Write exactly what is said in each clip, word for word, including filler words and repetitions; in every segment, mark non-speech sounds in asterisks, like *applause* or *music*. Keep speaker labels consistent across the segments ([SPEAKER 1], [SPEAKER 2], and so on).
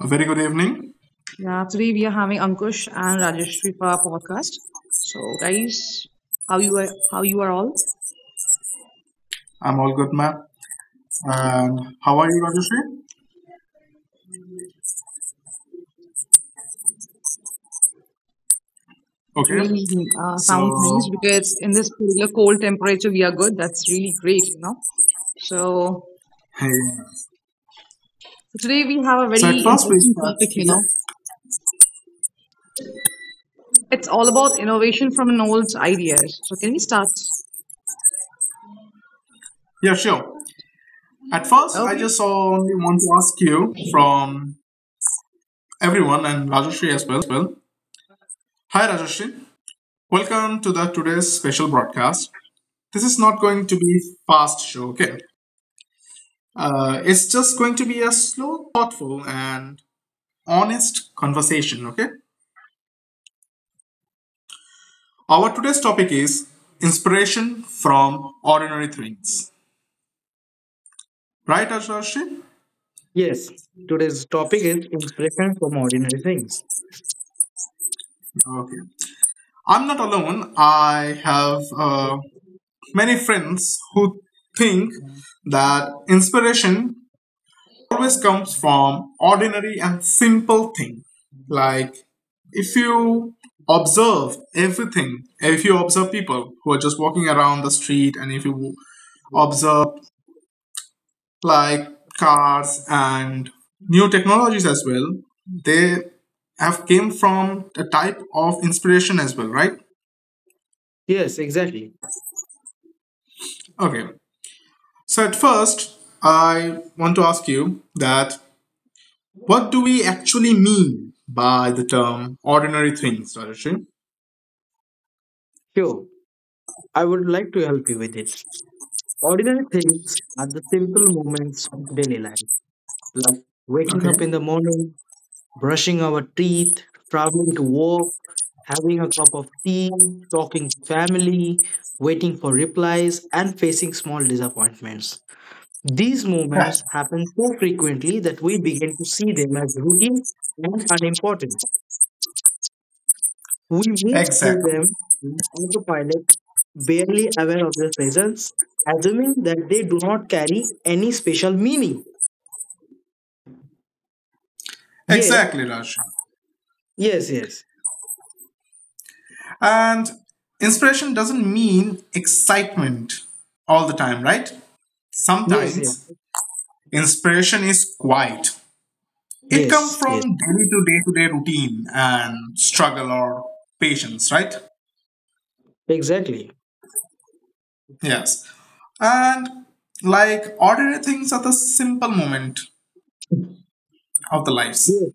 [SPEAKER 1] A very good evening.
[SPEAKER 2] Yeah, today we are having Ankush and Rajeshri for our podcast. So, guys, how you are? How you are all?
[SPEAKER 1] I'm all good, ma'am. And how are you, Rajeshri?
[SPEAKER 2] It
[SPEAKER 1] Okay.
[SPEAKER 2] really uh, sounds nice
[SPEAKER 1] So,
[SPEAKER 2] because in this particular cold temperature we are good. That's really great, you know. So,
[SPEAKER 1] hey.
[SPEAKER 2] so today we have a
[SPEAKER 1] So at
[SPEAKER 2] very
[SPEAKER 1] first we
[SPEAKER 2] interesting
[SPEAKER 1] start.
[SPEAKER 2] topic. You
[SPEAKER 1] Yeah,
[SPEAKER 2] know, it's all about innovation from an old ideas. So, can we start?
[SPEAKER 1] yeah, sure. At first, I
[SPEAKER 2] Okay,
[SPEAKER 1] just only want to ask you from everyone and Rajeshri as well. Hi, Rajeshri. Welcome to the today's special broadcast. This is not going to be fast show, okay? Uh, it's just going to be a slow, thoughtful, and honest conversation, okay? Our today's topic is inspiration from ordinary things. Right, Ashrashit?
[SPEAKER 3] Yes, today's topic is inspiration from ordinary things.
[SPEAKER 1] Okay. I'm not alone. I have uh, many friends who think that inspiration always comes from ordinary and simple thing. Like if you observe everything, if you observe people who are just walking around the street, and if you observe like cars and new technologies as well, they have came from a type of inspiration as well, right?
[SPEAKER 3] Yes, exactly.
[SPEAKER 1] Okay, so at first I want to ask you that what do we actually mean by the term ordinary things, Rajesh?
[SPEAKER 3] Sure, I would like to help you with it. Ordinary things are the simple moments of daily life, like waking up in the
[SPEAKER 1] Okay,
[SPEAKER 3] morning, brushing our teeth, traveling to work, having a cup of tea, talking to family, waiting for replies, and facing small disappointments. These moments
[SPEAKER 1] *laughs*
[SPEAKER 3] happen so frequently that we begin to see them as routine and unimportant. We move through
[SPEAKER 1] exactly,
[SPEAKER 3] them on autopilot, barely aware of their presence, assuming that they do not carry any special meaning. Yes,
[SPEAKER 1] exactly, Rajesh.
[SPEAKER 3] yes, yes,
[SPEAKER 1] And inspiration doesn't mean excitement all the time, right?
[SPEAKER 3] yes, yes,
[SPEAKER 1] Sometimes inspiration is quiet. It comes
[SPEAKER 3] yes,
[SPEAKER 1] from
[SPEAKER 3] yes,
[SPEAKER 1] daily to day to day routine and struggle or patience, right?
[SPEAKER 3] exactly.
[SPEAKER 1] Yes. And like ordinary things are the simple moment of the lives.
[SPEAKER 3] Yes.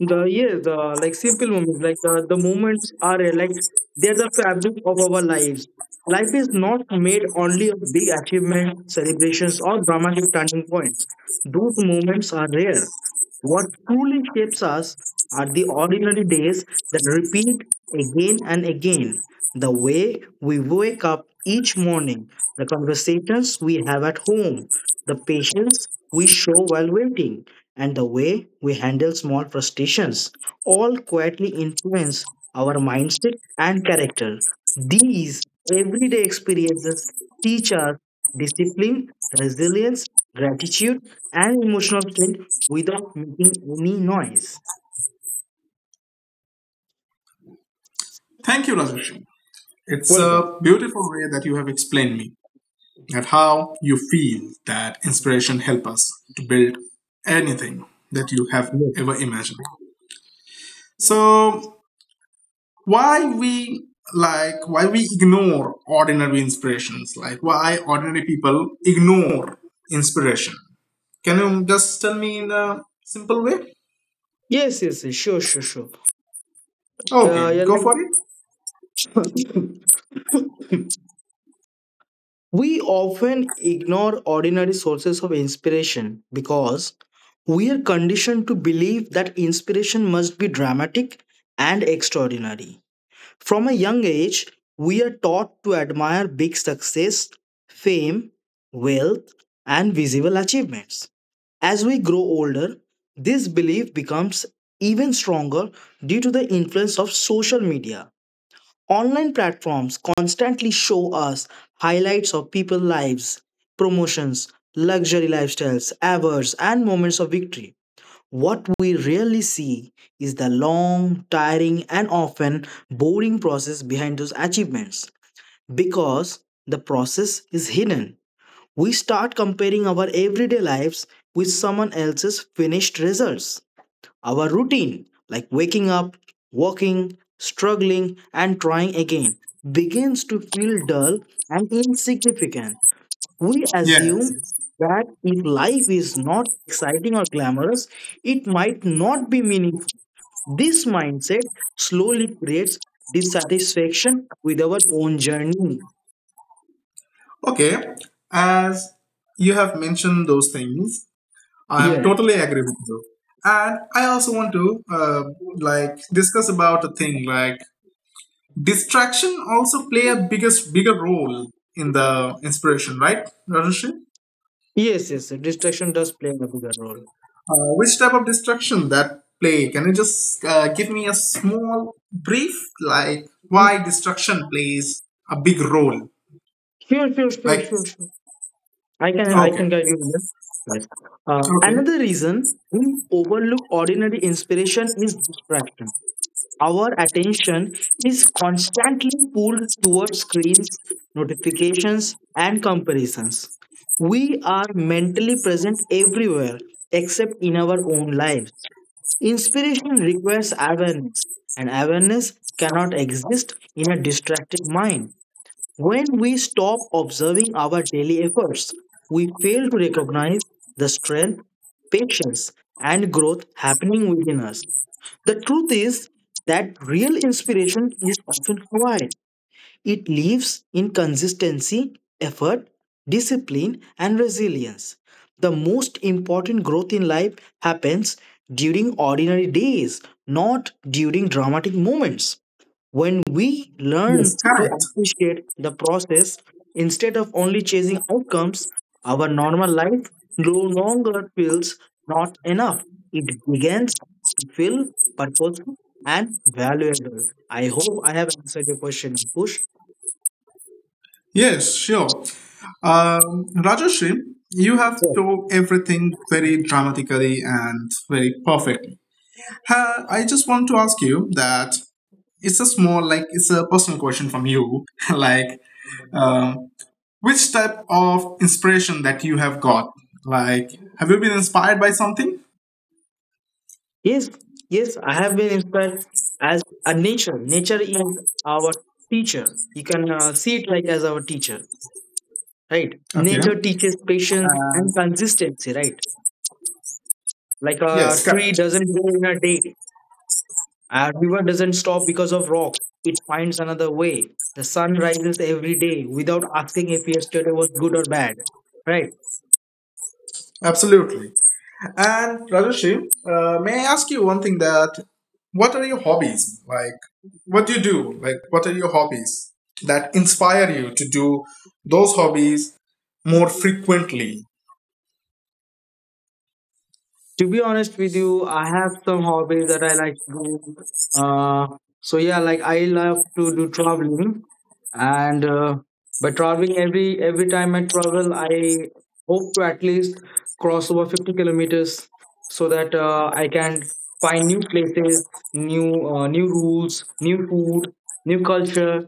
[SPEAKER 3] The yes, the like simple moments, like the, the moments are uh, like they're the fabric of our lives. Life is not made only of big achievements, celebrations, or dramatic turning points. Those moments are rare. What truly shapes us are the ordinary days that repeat again and again. The way we wake up each morning, the conversations we have at home, the patience we show while waiting, and the way we handle small frustrations all quietly influence our mindset and character. These everyday experiences teach us discipline, resilience, gratitude, and emotional without making any noise.
[SPEAKER 1] Thank you, Rajesh. It's a
[SPEAKER 3] Welcome.
[SPEAKER 1] beautiful way that you have explained me that how you feel that inspiration help us to build anything that you have ever
[SPEAKER 3] Yes,
[SPEAKER 1] imagined. So why we like why we ignore ordinary inspirations, like why ordinary people ignore inspiration? Can you just tell me in a simple way?
[SPEAKER 3] yes, yes, yes, sure, sure, sure.
[SPEAKER 1] Okay,
[SPEAKER 3] Uh, yeah,
[SPEAKER 1] go
[SPEAKER 3] like
[SPEAKER 1] for it.
[SPEAKER 3] *coughs* *laughs* we often ignore ordinary sources of inspiration because we are conditioned to believe that inspiration must be dramatic and extraordinary. From a young age, we are taught to admire big success, fame, wealth, and visible achievements. As we grow older, this belief becomes even stronger due to the influence of social media. Online platforms constantly show us highlights of people's lives, promotions, luxury lifestyles, awards, and moments of victory. What we rarely see is the long, tiring, and often boring process behind those achievements because the process is hidden, we start comparing our everyday lives with someone else's finished results. Our routine, like waking up, walking, struggling, and trying again, begins to feel dull and insignificant. We
[SPEAKER 1] Yeah,
[SPEAKER 3] assume that if life is not exciting or glamorous, it might not be meaningful. This mindset slowly creates dissatisfaction with our own journey.
[SPEAKER 1] okay, as you have mentioned those things, I am
[SPEAKER 3] Yes.
[SPEAKER 1] totally agree with you, and I also want to uh, like discuss about a thing, like distraction also play a biggest bigger role in the inspiration, right, Rajesh?
[SPEAKER 3] Yes, yes, distraction does play a bigger role.
[SPEAKER 1] Uh, which type of destruction that play? Can you just uh, give me a small brief, like why destruction plays a big role?
[SPEAKER 3] Sure, sure, sure,
[SPEAKER 1] Like,
[SPEAKER 3] sure, sure. I can I
[SPEAKER 1] okay,
[SPEAKER 3] can guide you here. Nice. Uh,
[SPEAKER 1] okay,
[SPEAKER 3] another reason we overlook ordinary inspiration is distraction. Our attention is constantly pulled towards screens, notifications, and comparisons. We are mentally present everywhere except in our own lives. Inspiration requires awareness, and awareness cannot exist in a distracted mind. When we stop observing our daily efforts, we fail to recognize the strength, patience, and growth happening within us. The truth is that real inspiration is often quiet. It lives in consistency, effort, discipline, and resilience. The most important growth in life happens during ordinary days, not during dramatic moments. When we learn
[SPEAKER 1] yes,
[SPEAKER 3] to
[SPEAKER 1] correct.
[SPEAKER 3] appreciate the process instead of only chasing outcomes, our normal life no longer feels not enough. It begins to feel purposeful and valuable. I hope I have answered your question, Push.
[SPEAKER 1] Yes, sure. Um, Rajashri, you have
[SPEAKER 3] Yeah.
[SPEAKER 1] told everything very dramatically and very perfectly. Ha, I just want to ask you that it's a small, like, it's a personal question from you. *laughs* like, um, Which type of inspiration that you have got? Like, have you been inspired by something?
[SPEAKER 3] Yes, yes, I have been inspired as a nature. Nature is our teacher. You can uh, see it like as our teacher, right?
[SPEAKER 1] Okay.
[SPEAKER 3] Nature teaches patience and consistency, right? Like a
[SPEAKER 1] Yes,
[SPEAKER 3] tree
[SPEAKER 1] correct.
[SPEAKER 3] doesn't grow in a day, a river doesn't stop because of rock. It finds another way. The sun rises every day without asking if yesterday was good or bad, right?
[SPEAKER 1] Absolutely. And Rajeshi, uh, may I ask you one thing that what are your hobbies? Like, what do you do? Like, what are your hobbies that inspire you to do those hobbies more frequently?
[SPEAKER 3] To be honest with you, I have some hobbies that I like to do. Uh, so yeah, like I love to do traveling, and uh, by traveling every every time I travel, I hope to at least cross over fifty kilometers, so that uh, I can find new places, new uh, new rules, new food, new culture,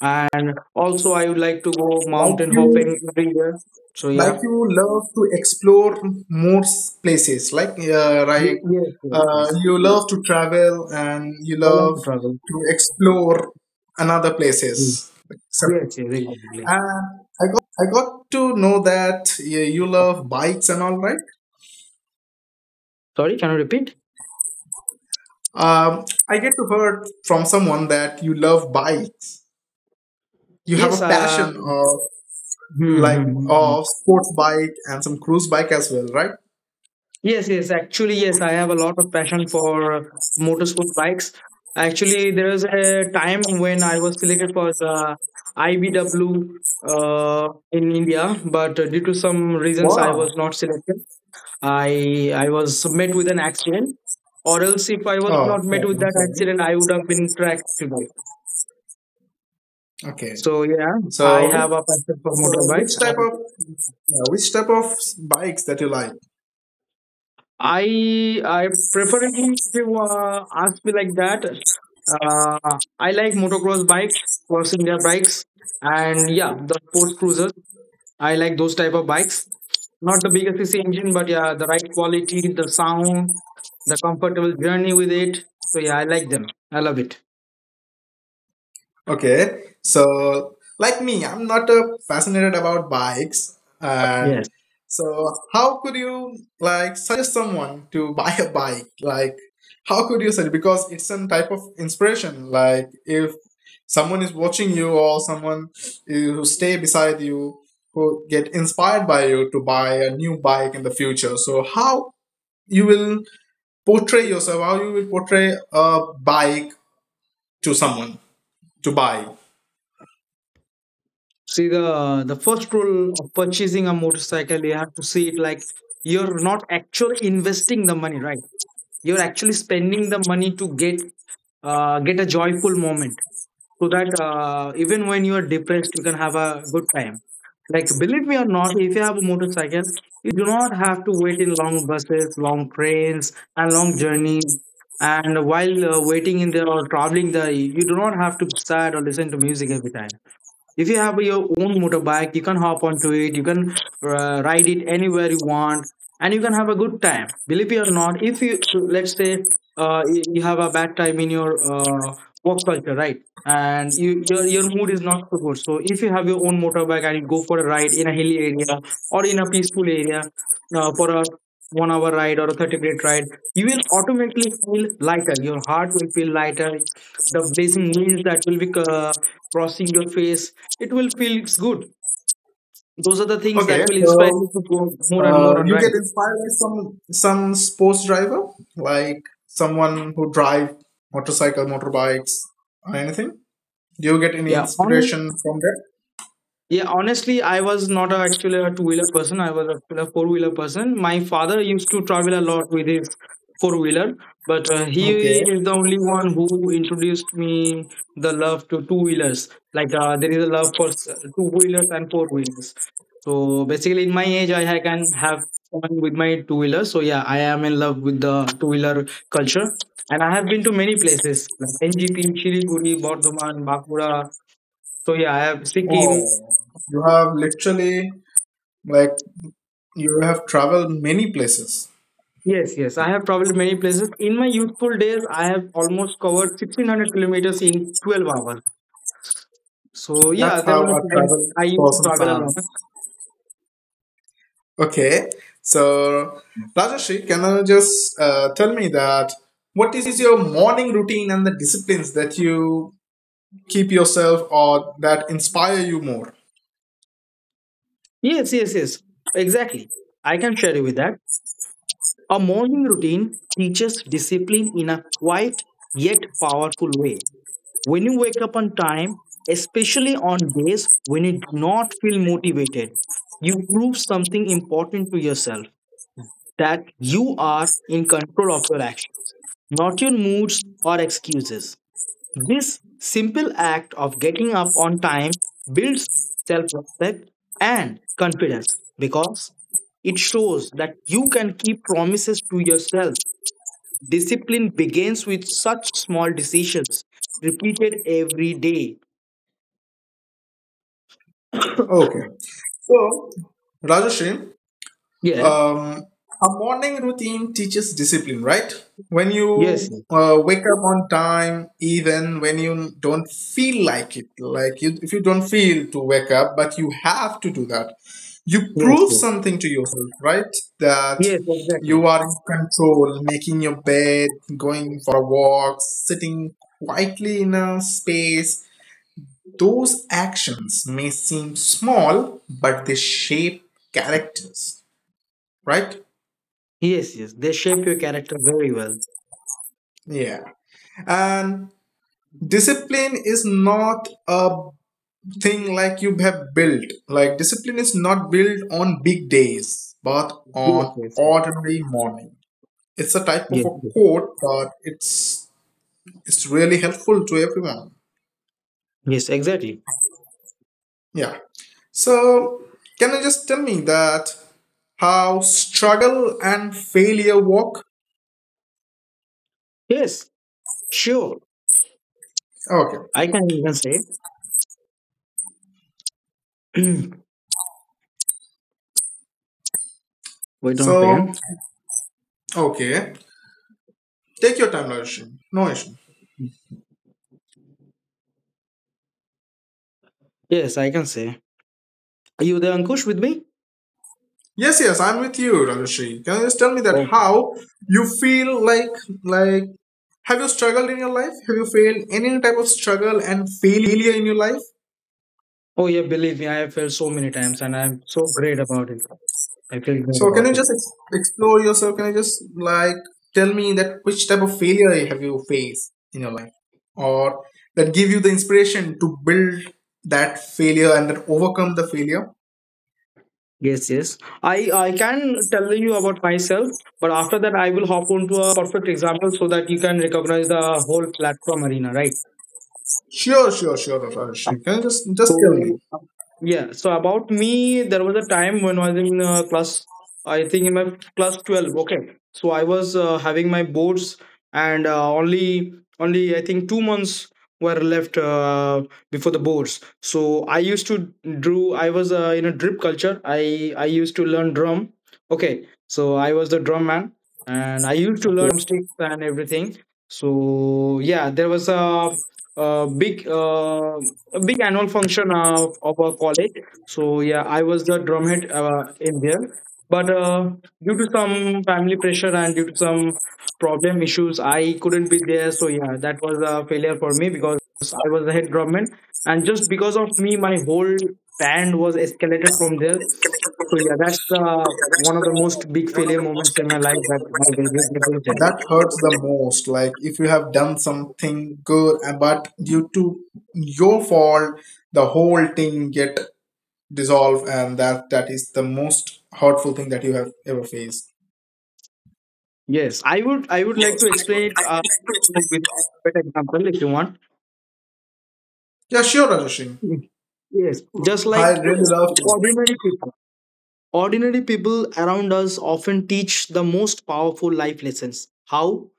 [SPEAKER 3] and also I would like to go
[SPEAKER 1] Like
[SPEAKER 3] mountain
[SPEAKER 1] you
[SPEAKER 3] hopping every year. So
[SPEAKER 1] like
[SPEAKER 3] yeah,
[SPEAKER 1] you love to explore more s- places, like uh, right
[SPEAKER 3] Ye- yes, yes,
[SPEAKER 1] uh,
[SPEAKER 3] yes.
[SPEAKER 1] you love to travel and you
[SPEAKER 3] I love
[SPEAKER 1] love
[SPEAKER 3] to travel.
[SPEAKER 1] to explore another places. So,
[SPEAKER 3] Yes, yes, exactly.
[SPEAKER 1] uh, I got to know that you, you love bikes and all, right?
[SPEAKER 3] Sorry, can you repeat?
[SPEAKER 1] um, I get to heard from someone that you love bikes. You have
[SPEAKER 3] Yes,
[SPEAKER 1] a
[SPEAKER 3] uh,
[SPEAKER 1] passion of
[SPEAKER 3] hmm,
[SPEAKER 1] like
[SPEAKER 3] hmm, hmm, hmm.
[SPEAKER 1] of sports bike and some cruise bike as well, right?
[SPEAKER 3] yes, yes. Actually, yes, I have a lot of passion for motorsport bikes. Actually, there was a time when I was selected for the I B W uh, in India, but uh, due to some reasons, I
[SPEAKER 1] Wow.
[SPEAKER 3] was not selected. I I was met with an accident, or else if I was
[SPEAKER 1] oh
[SPEAKER 3] not met
[SPEAKER 1] oh,
[SPEAKER 3] with
[SPEAKER 1] I'm
[SPEAKER 3] that
[SPEAKER 1] sorry.
[SPEAKER 3] accident, I would have been tracked today.
[SPEAKER 1] Okay.
[SPEAKER 3] So yeah, I
[SPEAKER 1] So
[SPEAKER 3] have a passion for
[SPEAKER 1] So
[SPEAKER 3] motorbike.
[SPEAKER 1] which type of, yeah, which type of bikes that you like?
[SPEAKER 3] I I preferably, if you uh, ask me like that, uh, I like motocross bikes, passenger bikes, and yeah, the sports cruisers. I like those type of bikes. Not the biggest cc engine, but yeah, the right quality, the sound, the comfortable journey with it. So yeah, I like them. I love it.
[SPEAKER 1] Okay, so like me, I'm not uh, fascinated about bikes, and
[SPEAKER 3] Yes.
[SPEAKER 1] so how could you like suggest someone to *laughs* buy a bike? Like how could you suggest? Because it's some type of inspiration. Like if someone is watching you or someone who stay beside you who get inspired by you to buy a new bike in the future. So how you will portray yourself, how you will portray a bike to someone to buy?
[SPEAKER 3] See, the the first rule of purchasing a motorcycle, you have to see it like you're not actually investing the money, right? You're actually spending the money to get uh, get a joyful moment, so that uh, even when you are depressed, you can have a good time. Like believe me or not, if you have a motorcycle, you do not have to wait in long buses, long trains, and long journeys, and while uh, waiting in there or traveling there, you do not have to be sad or listen to music every time. If you have your own motorbike, you can hop onto it, you can uh, ride it anywhere you want, and you can have a good time. Believe it or not, if you so let's say uh, you you have a bad time in your uh, work culture, right? And you your, your mood is not so good, so if you have your own motorbike and you go for a ride in a hilly area or in a peaceful area uh, for a one hour ride or a thirty minute ride, you will automatically feel lighter, your heart will feel lighter, the blazing winds that will be uh, crossing your face, it will feel good. Those are the things that
[SPEAKER 1] Okay,
[SPEAKER 3] will inspire
[SPEAKER 1] so
[SPEAKER 3] you to go more and
[SPEAKER 1] uh,
[SPEAKER 3] more on,
[SPEAKER 1] you get
[SPEAKER 3] right?
[SPEAKER 1] inspired by some some sports driver, like someone who drive motorcycle, motorbikes or anything, do you get any
[SPEAKER 3] Yeah, on.
[SPEAKER 1] inspiration from that?
[SPEAKER 3] Yeah, honestly, I was not a, actually a two-wheeler person. I was actually a four-wheeler person. My father used to travel a lot with his four-wheeler, but uh, he
[SPEAKER 1] Okay,
[SPEAKER 3] is the only one who introduced me the love to two-wheelers. Like uh, there is a love for s- two-wheelers and four-wheelers. So basically, in my age, I ha- can have fun with my two-wheeler. So yeah, I am in love with the two-wheeler culture, and I have been to many places like N G P, Siliguri, Bardhaman, Bakura. So yeah, I have
[SPEAKER 1] oh,
[SPEAKER 3] Sikkim.
[SPEAKER 1] you have literally like you have traveled many places.
[SPEAKER 3] Yes, yes. I have traveled many places. In my youthful days, I have almost covered sixteen hundred kilometers in twelve hours. So, yeah,
[SPEAKER 1] That's
[SPEAKER 3] there
[SPEAKER 1] how
[SPEAKER 3] was
[SPEAKER 1] a
[SPEAKER 3] a time
[SPEAKER 1] travel
[SPEAKER 3] I used to
[SPEAKER 1] person
[SPEAKER 3] travel a
[SPEAKER 1] sounds.
[SPEAKER 3] lot.
[SPEAKER 1] Okay, so Rajashri, can you just uh, tell me that what is your morning routine and the disciplines that you keep yourself or that inspire you more?
[SPEAKER 3] Yes, yes, yes. Exactly. I can share you with that. A morning routine teaches discipline in a quiet yet powerful way. When you wake up on time, especially on days when you do not feel motivated, you prove something important to yourself, that you are in control of your actions, not your moods or excuses. This simple act of getting up on time builds self respect and confidence because it shows that you can keep promises to yourself. Discipline begins with such small decisions repeated every day.
[SPEAKER 1] Okay, so Rajashri,
[SPEAKER 3] Yeah.
[SPEAKER 1] Um, a morning routine teaches discipline, right? When you
[SPEAKER 3] Yes. Yes.
[SPEAKER 1] uh, wake up on time, even when you don't feel like it, like you, if you don't feel to wake up, but you have to do that, you
[SPEAKER 3] Yes.
[SPEAKER 1] prove
[SPEAKER 3] Yes.
[SPEAKER 1] something to yourself, right? That
[SPEAKER 3] Yes,
[SPEAKER 1] you
[SPEAKER 3] exactly.
[SPEAKER 1] are in control, making your bed, going for a walk, sitting quietly in a space. Those actions may seem small, but they shape characters, right?
[SPEAKER 3] Yes. Yes. They shape your character very well.
[SPEAKER 1] Yeah. And discipline is not a thing like you have built. Like, discipline is not built on big days, but
[SPEAKER 3] Yes.
[SPEAKER 1] on
[SPEAKER 3] Yes. Yes.
[SPEAKER 1] ordinary morning. It's a type of
[SPEAKER 3] Yes.
[SPEAKER 1] a
[SPEAKER 3] Yes.
[SPEAKER 1] quote, but it's it's really helpful to everyone.
[SPEAKER 3] Yes, exactly.
[SPEAKER 1] Yeah. So, can you just tell me that how struggle and failure work?
[SPEAKER 3] Yes. Sure.
[SPEAKER 1] Okay.
[SPEAKER 3] I can even say. *clears throat* Wait on a
[SPEAKER 1] So,
[SPEAKER 3] second.
[SPEAKER 1] okay. Take your time, Larishin. No issue.
[SPEAKER 3] Yes, I can say. Are you there, Ankush, with me?
[SPEAKER 1] Yes, yes, I'm with you, Rajarshi. Can you just tell me that
[SPEAKER 3] Oh.
[SPEAKER 1] how you feel like, like have you struggled in your life? Have you failed any type of struggle and failure in your life?
[SPEAKER 3] Oh yeah. Believe me, I have felt so many times, and I'm so great about it. I feel great
[SPEAKER 1] So can
[SPEAKER 3] about
[SPEAKER 1] you just
[SPEAKER 3] it.
[SPEAKER 1] ex- explore yourself? Can you just like tell me that which type of failure have you faced in your life, or that give you the inspiration to build that failure and that overcome the failure?
[SPEAKER 3] Yes, yes. I I can tell you about myself, but after that I will hop onto a perfect example so that you can recognize the whole platform arena, right?
[SPEAKER 1] Sure, sure, sure, Rajarshi. Can you just just tell
[SPEAKER 3] So,
[SPEAKER 1] me
[SPEAKER 3] uh, yeah, so about me, there was a time when I was in uh, class, I think in my class twelve. Okay, so I was uh, having my boards, and uh, only only I think two months were left uh, before the boards. So I used to do. I was uh, in a drip culture. I I used to learn drum. Okay, so I was the drum man, and I used to learn drumsticks and everything. So yeah, there was a, a big uh, a big annual function of, of our college. So yeah, I was the drumhead uh, in there. But uh, due to some family pressure and due to some problem issues, I couldn't be there. So yeah, that was a failure for me because I was the head drumman, and just because of me, my whole band was escalated from there. So yeah, that's the one of the most big failure moments in my life that I will regret.
[SPEAKER 1] that hurts the most, like if you have done something good and but due to your fault the whole thing get dissolved and that that is the most hurtful thing that you have ever faced?
[SPEAKER 3] Yes, I would I would like to explain it uh, with a better example if you want.
[SPEAKER 1] Yeah, sure, Rajashin,
[SPEAKER 3] Yes, just
[SPEAKER 1] I
[SPEAKER 3] like
[SPEAKER 1] really love to.
[SPEAKER 3] ordinary people. Ordinary people around us often teach the most powerful life lessons. How?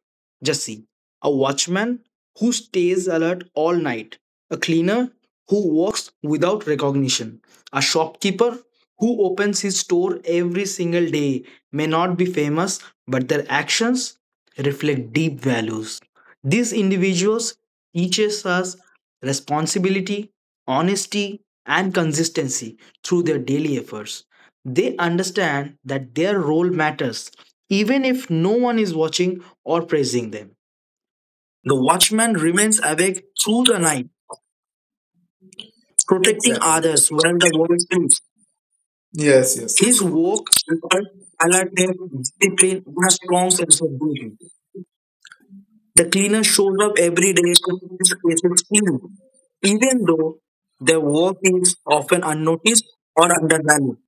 [SPEAKER 3] Just see. A watchman who stays alert all night, a cleaner who works without recognition, a shopkeeper who opens his store every single day may not be famous, but their actions reflect deep values. These individuals teaches us responsibility, honesty, and consistency through their daily efforts. They understand that their role matters, even if no one is watching or praising them. The watchman remains awake through the night, protecting others while the world sleeps.
[SPEAKER 1] Yes, yes,
[SPEAKER 3] His work requires alertness, discipline, and a strong sense of duty. The cleaner shows up every day to keep spaces clean, even though their work is often unnoticed or undervalued.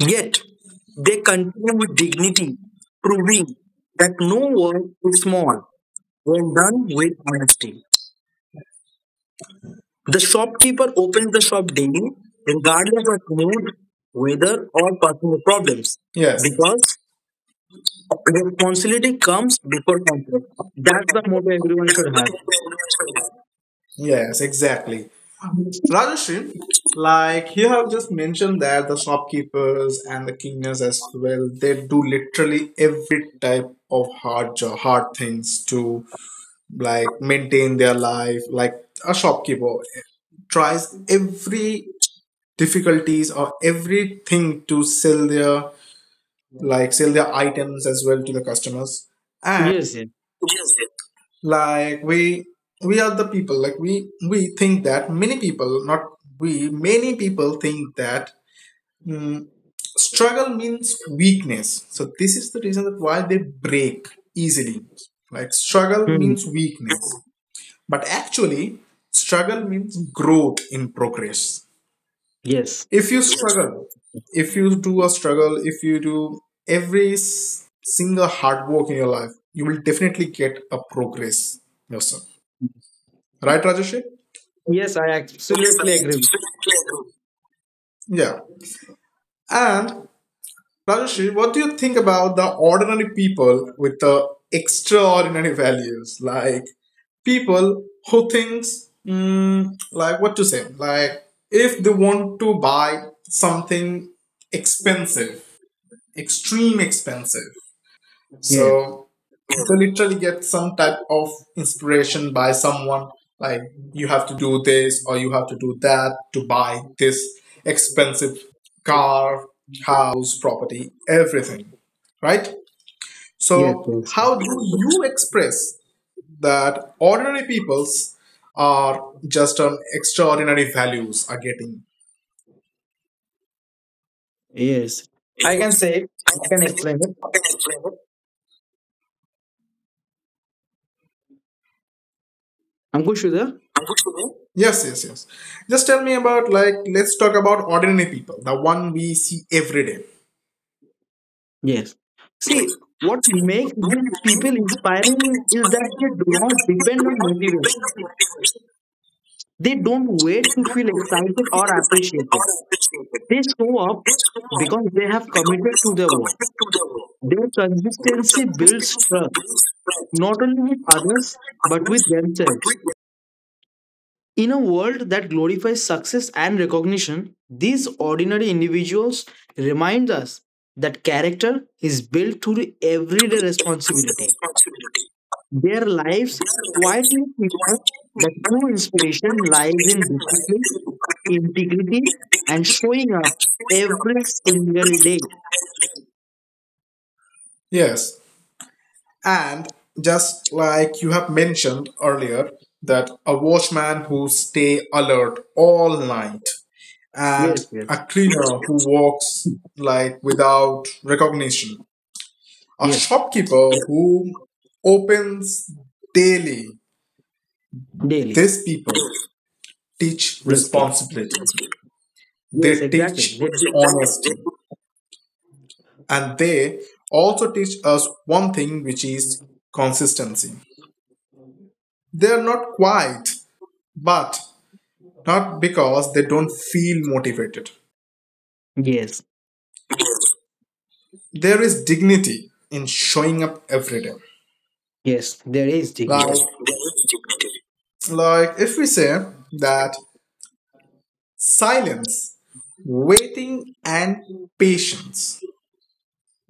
[SPEAKER 3] Yet, they continue with dignity, proving that no work is small. Well done with honesty. The shopkeeper opens the shop daily, regardless of mood, weather, or personal problems,
[SPEAKER 1] yes,
[SPEAKER 3] because responsibility comes before comfort. That's the motto everyone should have.
[SPEAKER 1] yes, exactly, Rajashin, like you have just mentioned that the shopkeepers and the cleaners as well, they do literally every type of hard job, hard things to like maintain their life. Like a shopkeeper tries every difficulties or everything to sell their like sell their items as well to the customers. And
[SPEAKER 3] Yes, yes.
[SPEAKER 1] like we we are the people, like we we think that many people, not we many people think that mm, struggle means weakness, so this is the reason that why they break easily, like struggle
[SPEAKER 3] Hmm.
[SPEAKER 1] means weakness. But actually, struggle means growth in progress.
[SPEAKER 3] Yes.
[SPEAKER 1] If you struggle, if you do a struggle, if you do every s- single hard work in your life, you will definitely get a progress yourself. Right, Rajesh?
[SPEAKER 3] Yes, I absolutely agree with
[SPEAKER 1] Yeah. And Rajesh, what do you think about the ordinary people with the extraordinary values? Like people who thinks, mm, like what to say, like if they want to buy something expensive, extreme expensive,
[SPEAKER 3] you. Yes.
[SPEAKER 1] so to literally get some type of inspiration by someone like you have to do this or you have to do that to buy this expensive car, house, property, everything, right?
[SPEAKER 3] Yes.
[SPEAKER 1] So
[SPEAKER 3] Yes.
[SPEAKER 1] how do you express that ordinary people's are just on extraordinary values are getting?
[SPEAKER 3] Yes. I can say it. I can explain it. Ankush, you there?
[SPEAKER 1] Yes, yes, yes. Just tell me about, like let's talk about ordinary people, the one we see every day.
[SPEAKER 3] Yes. See, what makes these people inspiring is that they do not depend on motivation. They don't wait to feel excited or appreciated. They show up because they have committed to their work. Their consistency builds trust, not only with others, but with themselves. In a world that glorifies success and recognition, these ordinary individuals remind us that character is built through everyday responsibility. Their lives quietly teach us that true inspiration lies in discipline, integrity, and showing up every single day.
[SPEAKER 1] Yes. And just like you have mentioned earlier, that a watchman who stay alert all night and
[SPEAKER 3] Yes, yes,
[SPEAKER 1] a cleaner who walks like without recognition, a
[SPEAKER 3] yes,
[SPEAKER 1] shopkeeper who opens daily.
[SPEAKER 3] daily.
[SPEAKER 1] These people teach
[SPEAKER 3] These people.
[SPEAKER 1] responsibility.
[SPEAKER 3] Yes,
[SPEAKER 1] They
[SPEAKER 3] exactly.
[SPEAKER 1] teach
[SPEAKER 3] They do.
[SPEAKER 1] honesty. And they also teach us one thing which is consistency. They are not quiet, but not because they don't feel motivated.
[SPEAKER 3] Yes,
[SPEAKER 1] There is dignity in showing up every day.
[SPEAKER 3] yes, there is
[SPEAKER 1] Like,
[SPEAKER 3] dignity.
[SPEAKER 1] like if we say that silence, waiting, and patience.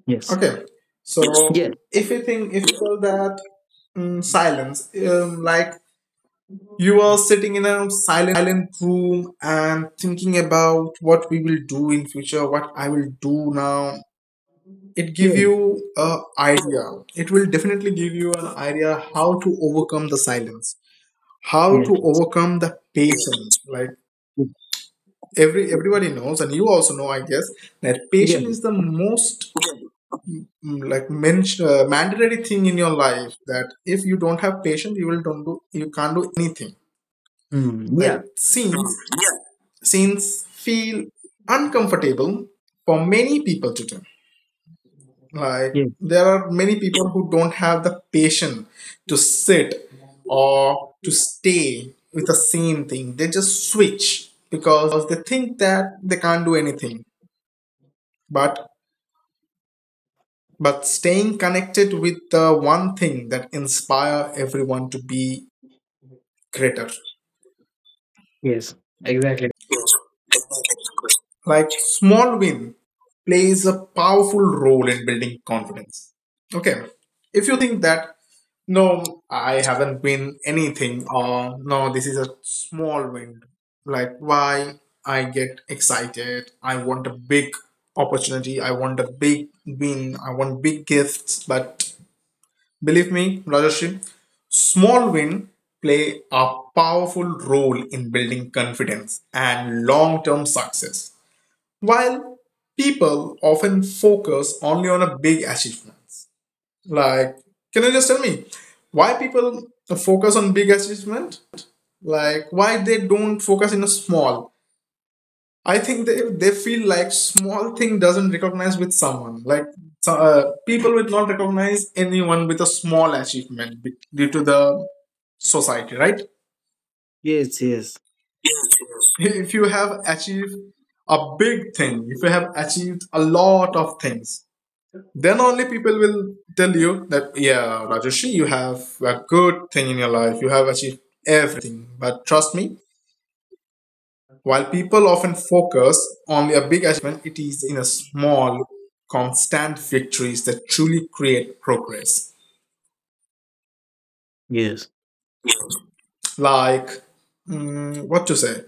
[SPEAKER 3] Yes,
[SPEAKER 1] Okay, so
[SPEAKER 3] yes,
[SPEAKER 1] if you think if you call that mm, silence, um, like you are sitting in a silent room and thinking about what we will do in future, what I will do now, it give you
[SPEAKER 3] yeah.
[SPEAKER 1] a idea it will definitely give you an idea how to overcome the silence, how
[SPEAKER 3] Yeah.
[SPEAKER 1] to overcome the patience. Like every everybody knows and you also know, I guess, that
[SPEAKER 3] Yeah.
[SPEAKER 1] patience is the most mm, like men- uh, mandatory thing in your life, that if you don't have patience you will don't do you can't do anything.
[SPEAKER 3] Hmm.
[SPEAKER 1] Like
[SPEAKER 3] Yeah,
[SPEAKER 1] scenes scenes feel uncomfortable for many people today. Like
[SPEAKER 3] yes,
[SPEAKER 1] there are many people who don't have the patience to sit or to stay with the same thing. They just switch because they think that they can't do anything. But but staying connected with the one thing that inspire everyone to be greater.
[SPEAKER 3] yes, exactly.
[SPEAKER 1] Like small win plays a powerful role in building confidence. Okay, if you think that no, I haven't win anything, or no, this is a small win, like why I get excited, I want a big opportunity, I want a big win, I want big gifts, but believe me, Rajashri, small win play a powerful role in building confidence and long-term success, while people often focus only on a big achievements. Like, can you just tell me why people focus on big achievement? Like why they don't focus in a small? I think they they feel like small thing doesn't recognize with someone. Like so, uh, people will not recognize anyone with a small achievement be- due to the society, right?
[SPEAKER 3] Yes, yes,
[SPEAKER 1] If you have achieved a big thing, if you have achieved a lot of things, then only people will tell you that yeah, Rajeshri, you have a good thing in your life, you have achieved everything. But trust me, while people often focus on a big achievement, it is in a small constant victories that truly create progress.
[SPEAKER 3] yes.
[SPEAKER 1] Like mm, what to say,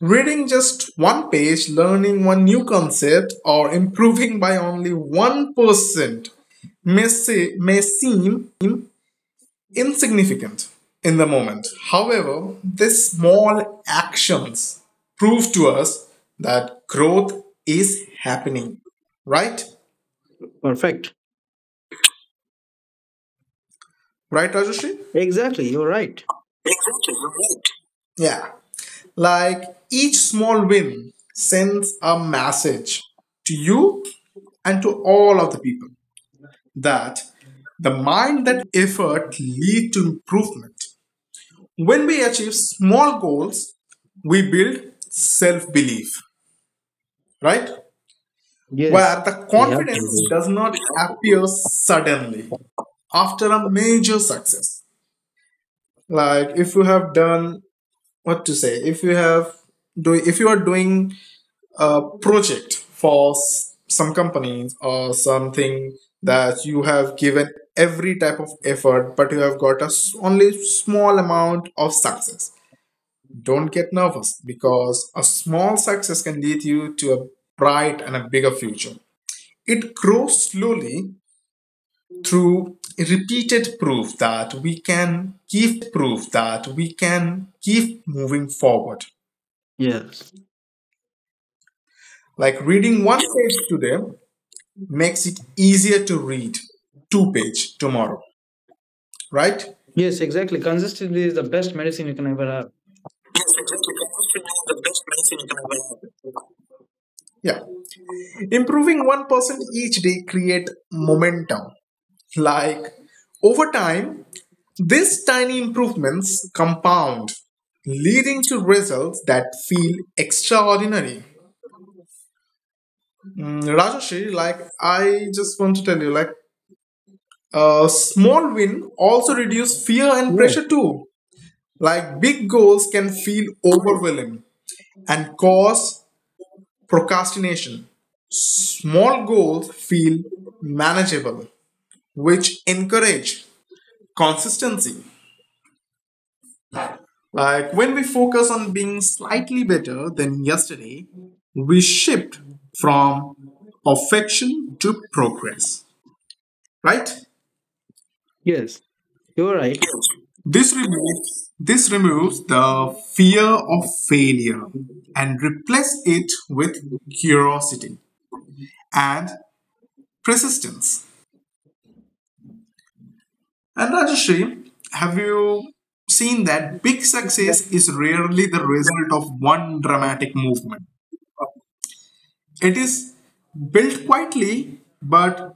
[SPEAKER 1] reading just one page, learning one new concept, or improving by only one percent may, say may seem insignificant in the moment. However, these small actions prove to us that growth is happening. Right?
[SPEAKER 3] Perfect.
[SPEAKER 1] Right, Rajashri?
[SPEAKER 3] Exactly. You're right.
[SPEAKER 1] Yeah. Like each small win sends a message to you and to all of the people, that the mind that effort lead to improvement. When we achieve small goals, we build self belief, right? Where
[SPEAKER 3] Yes,
[SPEAKER 1] the
[SPEAKER 3] we have to
[SPEAKER 1] confidence
[SPEAKER 3] do.
[SPEAKER 1] does not appear suddenly after a major success. Like if you have done, what to say, if you have do if you are doing a project for s- some companies or something that you have given every type of effort but you have got a s- only small amount of success, don't get nervous, because a small success can lead you to a bright and a bigger future. It grows slowly through repeated proof that we can keep moving forward.
[SPEAKER 3] Yes.
[SPEAKER 1] Like reading one page today makes it easier to read two page tomorrow, right?
[SPEAKER 3] Yes, exactly. Consistency is the best medicine you can ever have.
[SPEAKER 1] Yeah. Improving one percent each day create momentum. Like over time, these tiny improvements compound, leading to results that feel extraordinary. Mm, Rajashree, like I just want to tell you, like a small win also reduce fear and
[SPEAKER 3] Yeah.
[SPEAKER 1] pressure too. Like big goals can feel overwhelming and cause procrastination. Small goals feel manageable, which encourage consistency. Like when we focus on being slightly better than yesterday, we shift our mindset from perfection to progress, right?
[SPEAKER 3] Yes, you're right.
[SPEAKER 1] This removes this removes the fear of failure and replace it with curiosity and persistence. And Rajashri, have you seen that big success is rarely the result of one dramatic movement? It is built quietly, but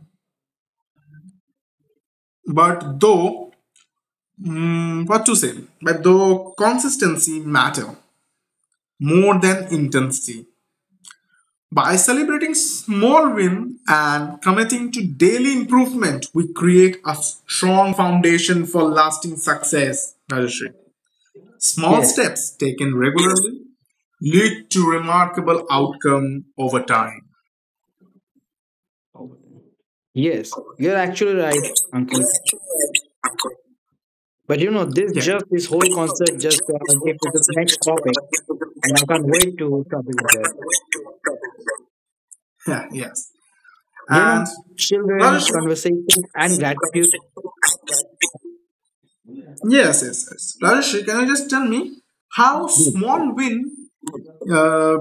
[SPEAKER 1] but though mm, what to say, but though consistency matter more than intensity. By celebrating small wins and committing to daily improvement, we create a strong foundation for lasting success, Rajashri. Small
[SPEAKER 3] Yes,
[SPEAKER 1] steps taken regularly lead to remarkable outcome over time.
[SPEAKER 3] yes, you're actually right, Uncle. But you know, this
[SPEAKER 1] Yeah,
[SPEAKER 3] just this whole concept just uh, gave to the next topic, and I can't wait to talk about that.
[SPEAKER 1] yeah, yes.
[SPEAKER 3] You
[SPEAKER 1] And
[SPEAKER 3] know, children,
[SPEAKER 1] Rajashri,
[SPEAKER 3] conversation, and gratitude.
[SPEAKER 1] yes, yes, yes, Rajashri, can you just tell me how small win uh,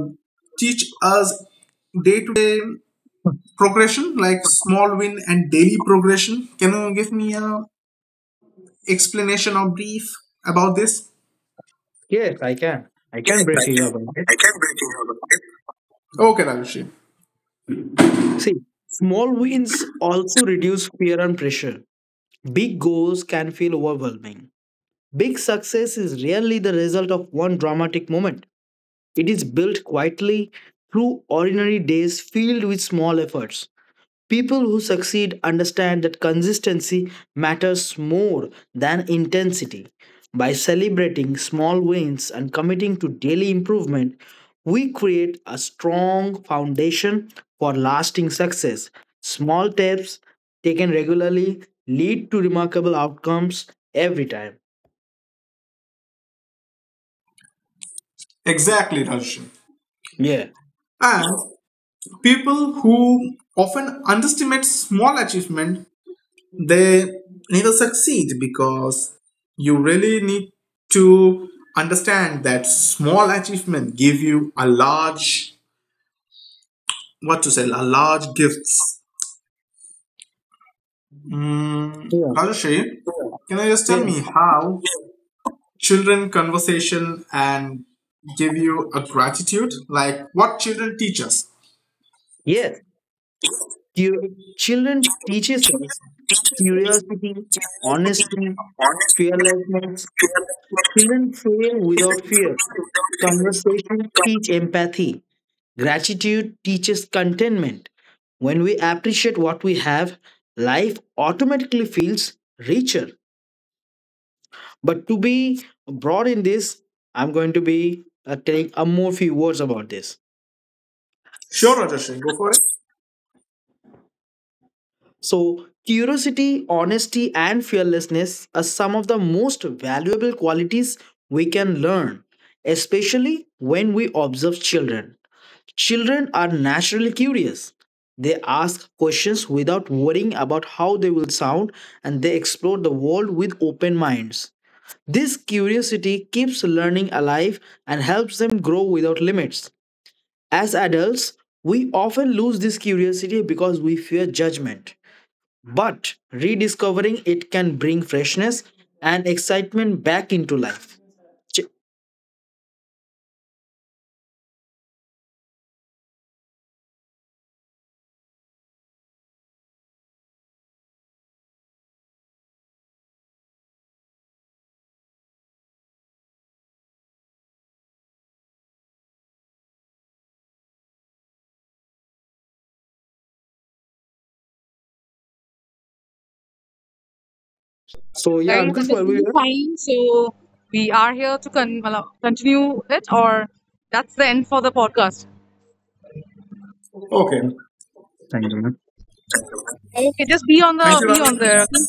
[SPEAKER 1] teach us day to day progression, like small win and daily progression? Can you give me a explanation or brief about this?
[SPEAKER 3] Yes, I can. I can brief you about it.
[SPEAKER 1] Okay, Rajesh.
[SPEAKER 3] See, small wins also reduce fear and pressure. Big goals can feel overwhelming. Big success is rarely the result of one dramatic moment. It is built quietly through ordinary days filled with small efforts. People who succeed understand that consistency matters more than intensity. By celebrating small wins and committing to daily improvement, we create a strong foundation for lasting success. Small steps taken regularly lead to remarkable outcomes every time.
[SPEAKER 1] Exactly, Rajesh.
[SPEAKER 3] Yeah.
[SPEAKER 1] And people who often underestimate small achievement, they never succeed, because you really need to understand that small achievement give you a large, what to say, a large gifts. Mm,
[SPEAKER 3] Yeah.
[SPEAKER 1] Rajesh, can you just tell
[SPEAKER 3] Yeah.
[SPEAKER 1] me how children conversation and give you a gratitude, like what children teach us?
[SPEAKER 3] Yes. Cu- Children teaches us curiosity, honesty, fearlessness. Children fail without fear. Conversations teach empathy. Gratitude teaches contentment. When we appreciate what we have, life automatically feels richer. But to be broad in this, I'm going to be uh, telling a more few words about this.
[SPEAKER 1] Sure, Rajesh, go for it.
[SPEAKER 3] So, curiosity, honesty, and fearlessness are some of the most valuable qualities we can learn, especially when we observe children. Children are naturally curious. They ask questions without worrying about how they will sound, and they explore the world with open minds. This curiosity keeps learning alive and helps them grow without limits. As adults, we often lose this curiosity because we fear judgment. But rediscovering it can bring freshness and excitement back into life. Ch- So, yeah,
[SPEAKER 2] guys,
[SPEAKER 3] Ankush,
[SPEAKER 2] that is
[SPEAKER 3] while we
[SPEAKER 2] really
[SPEAKER 3] were.
[SPEAKER 2] fine. So, we are here to con- well, continue it, or that's the end for the podcast.
[SPEAKER 1] Okay.
[SPEAKER 3] Yeah. Thank you, man.
[SPEAKER 2] Okay, just be on
[SPEAKER 1] Thank
[SPEAKER 2] the
[SPEAKER 1] you,
[SPEAKER 2] be on
[SPEAKER 1] Rajesh.
[SPEAKER 2] there. Okay?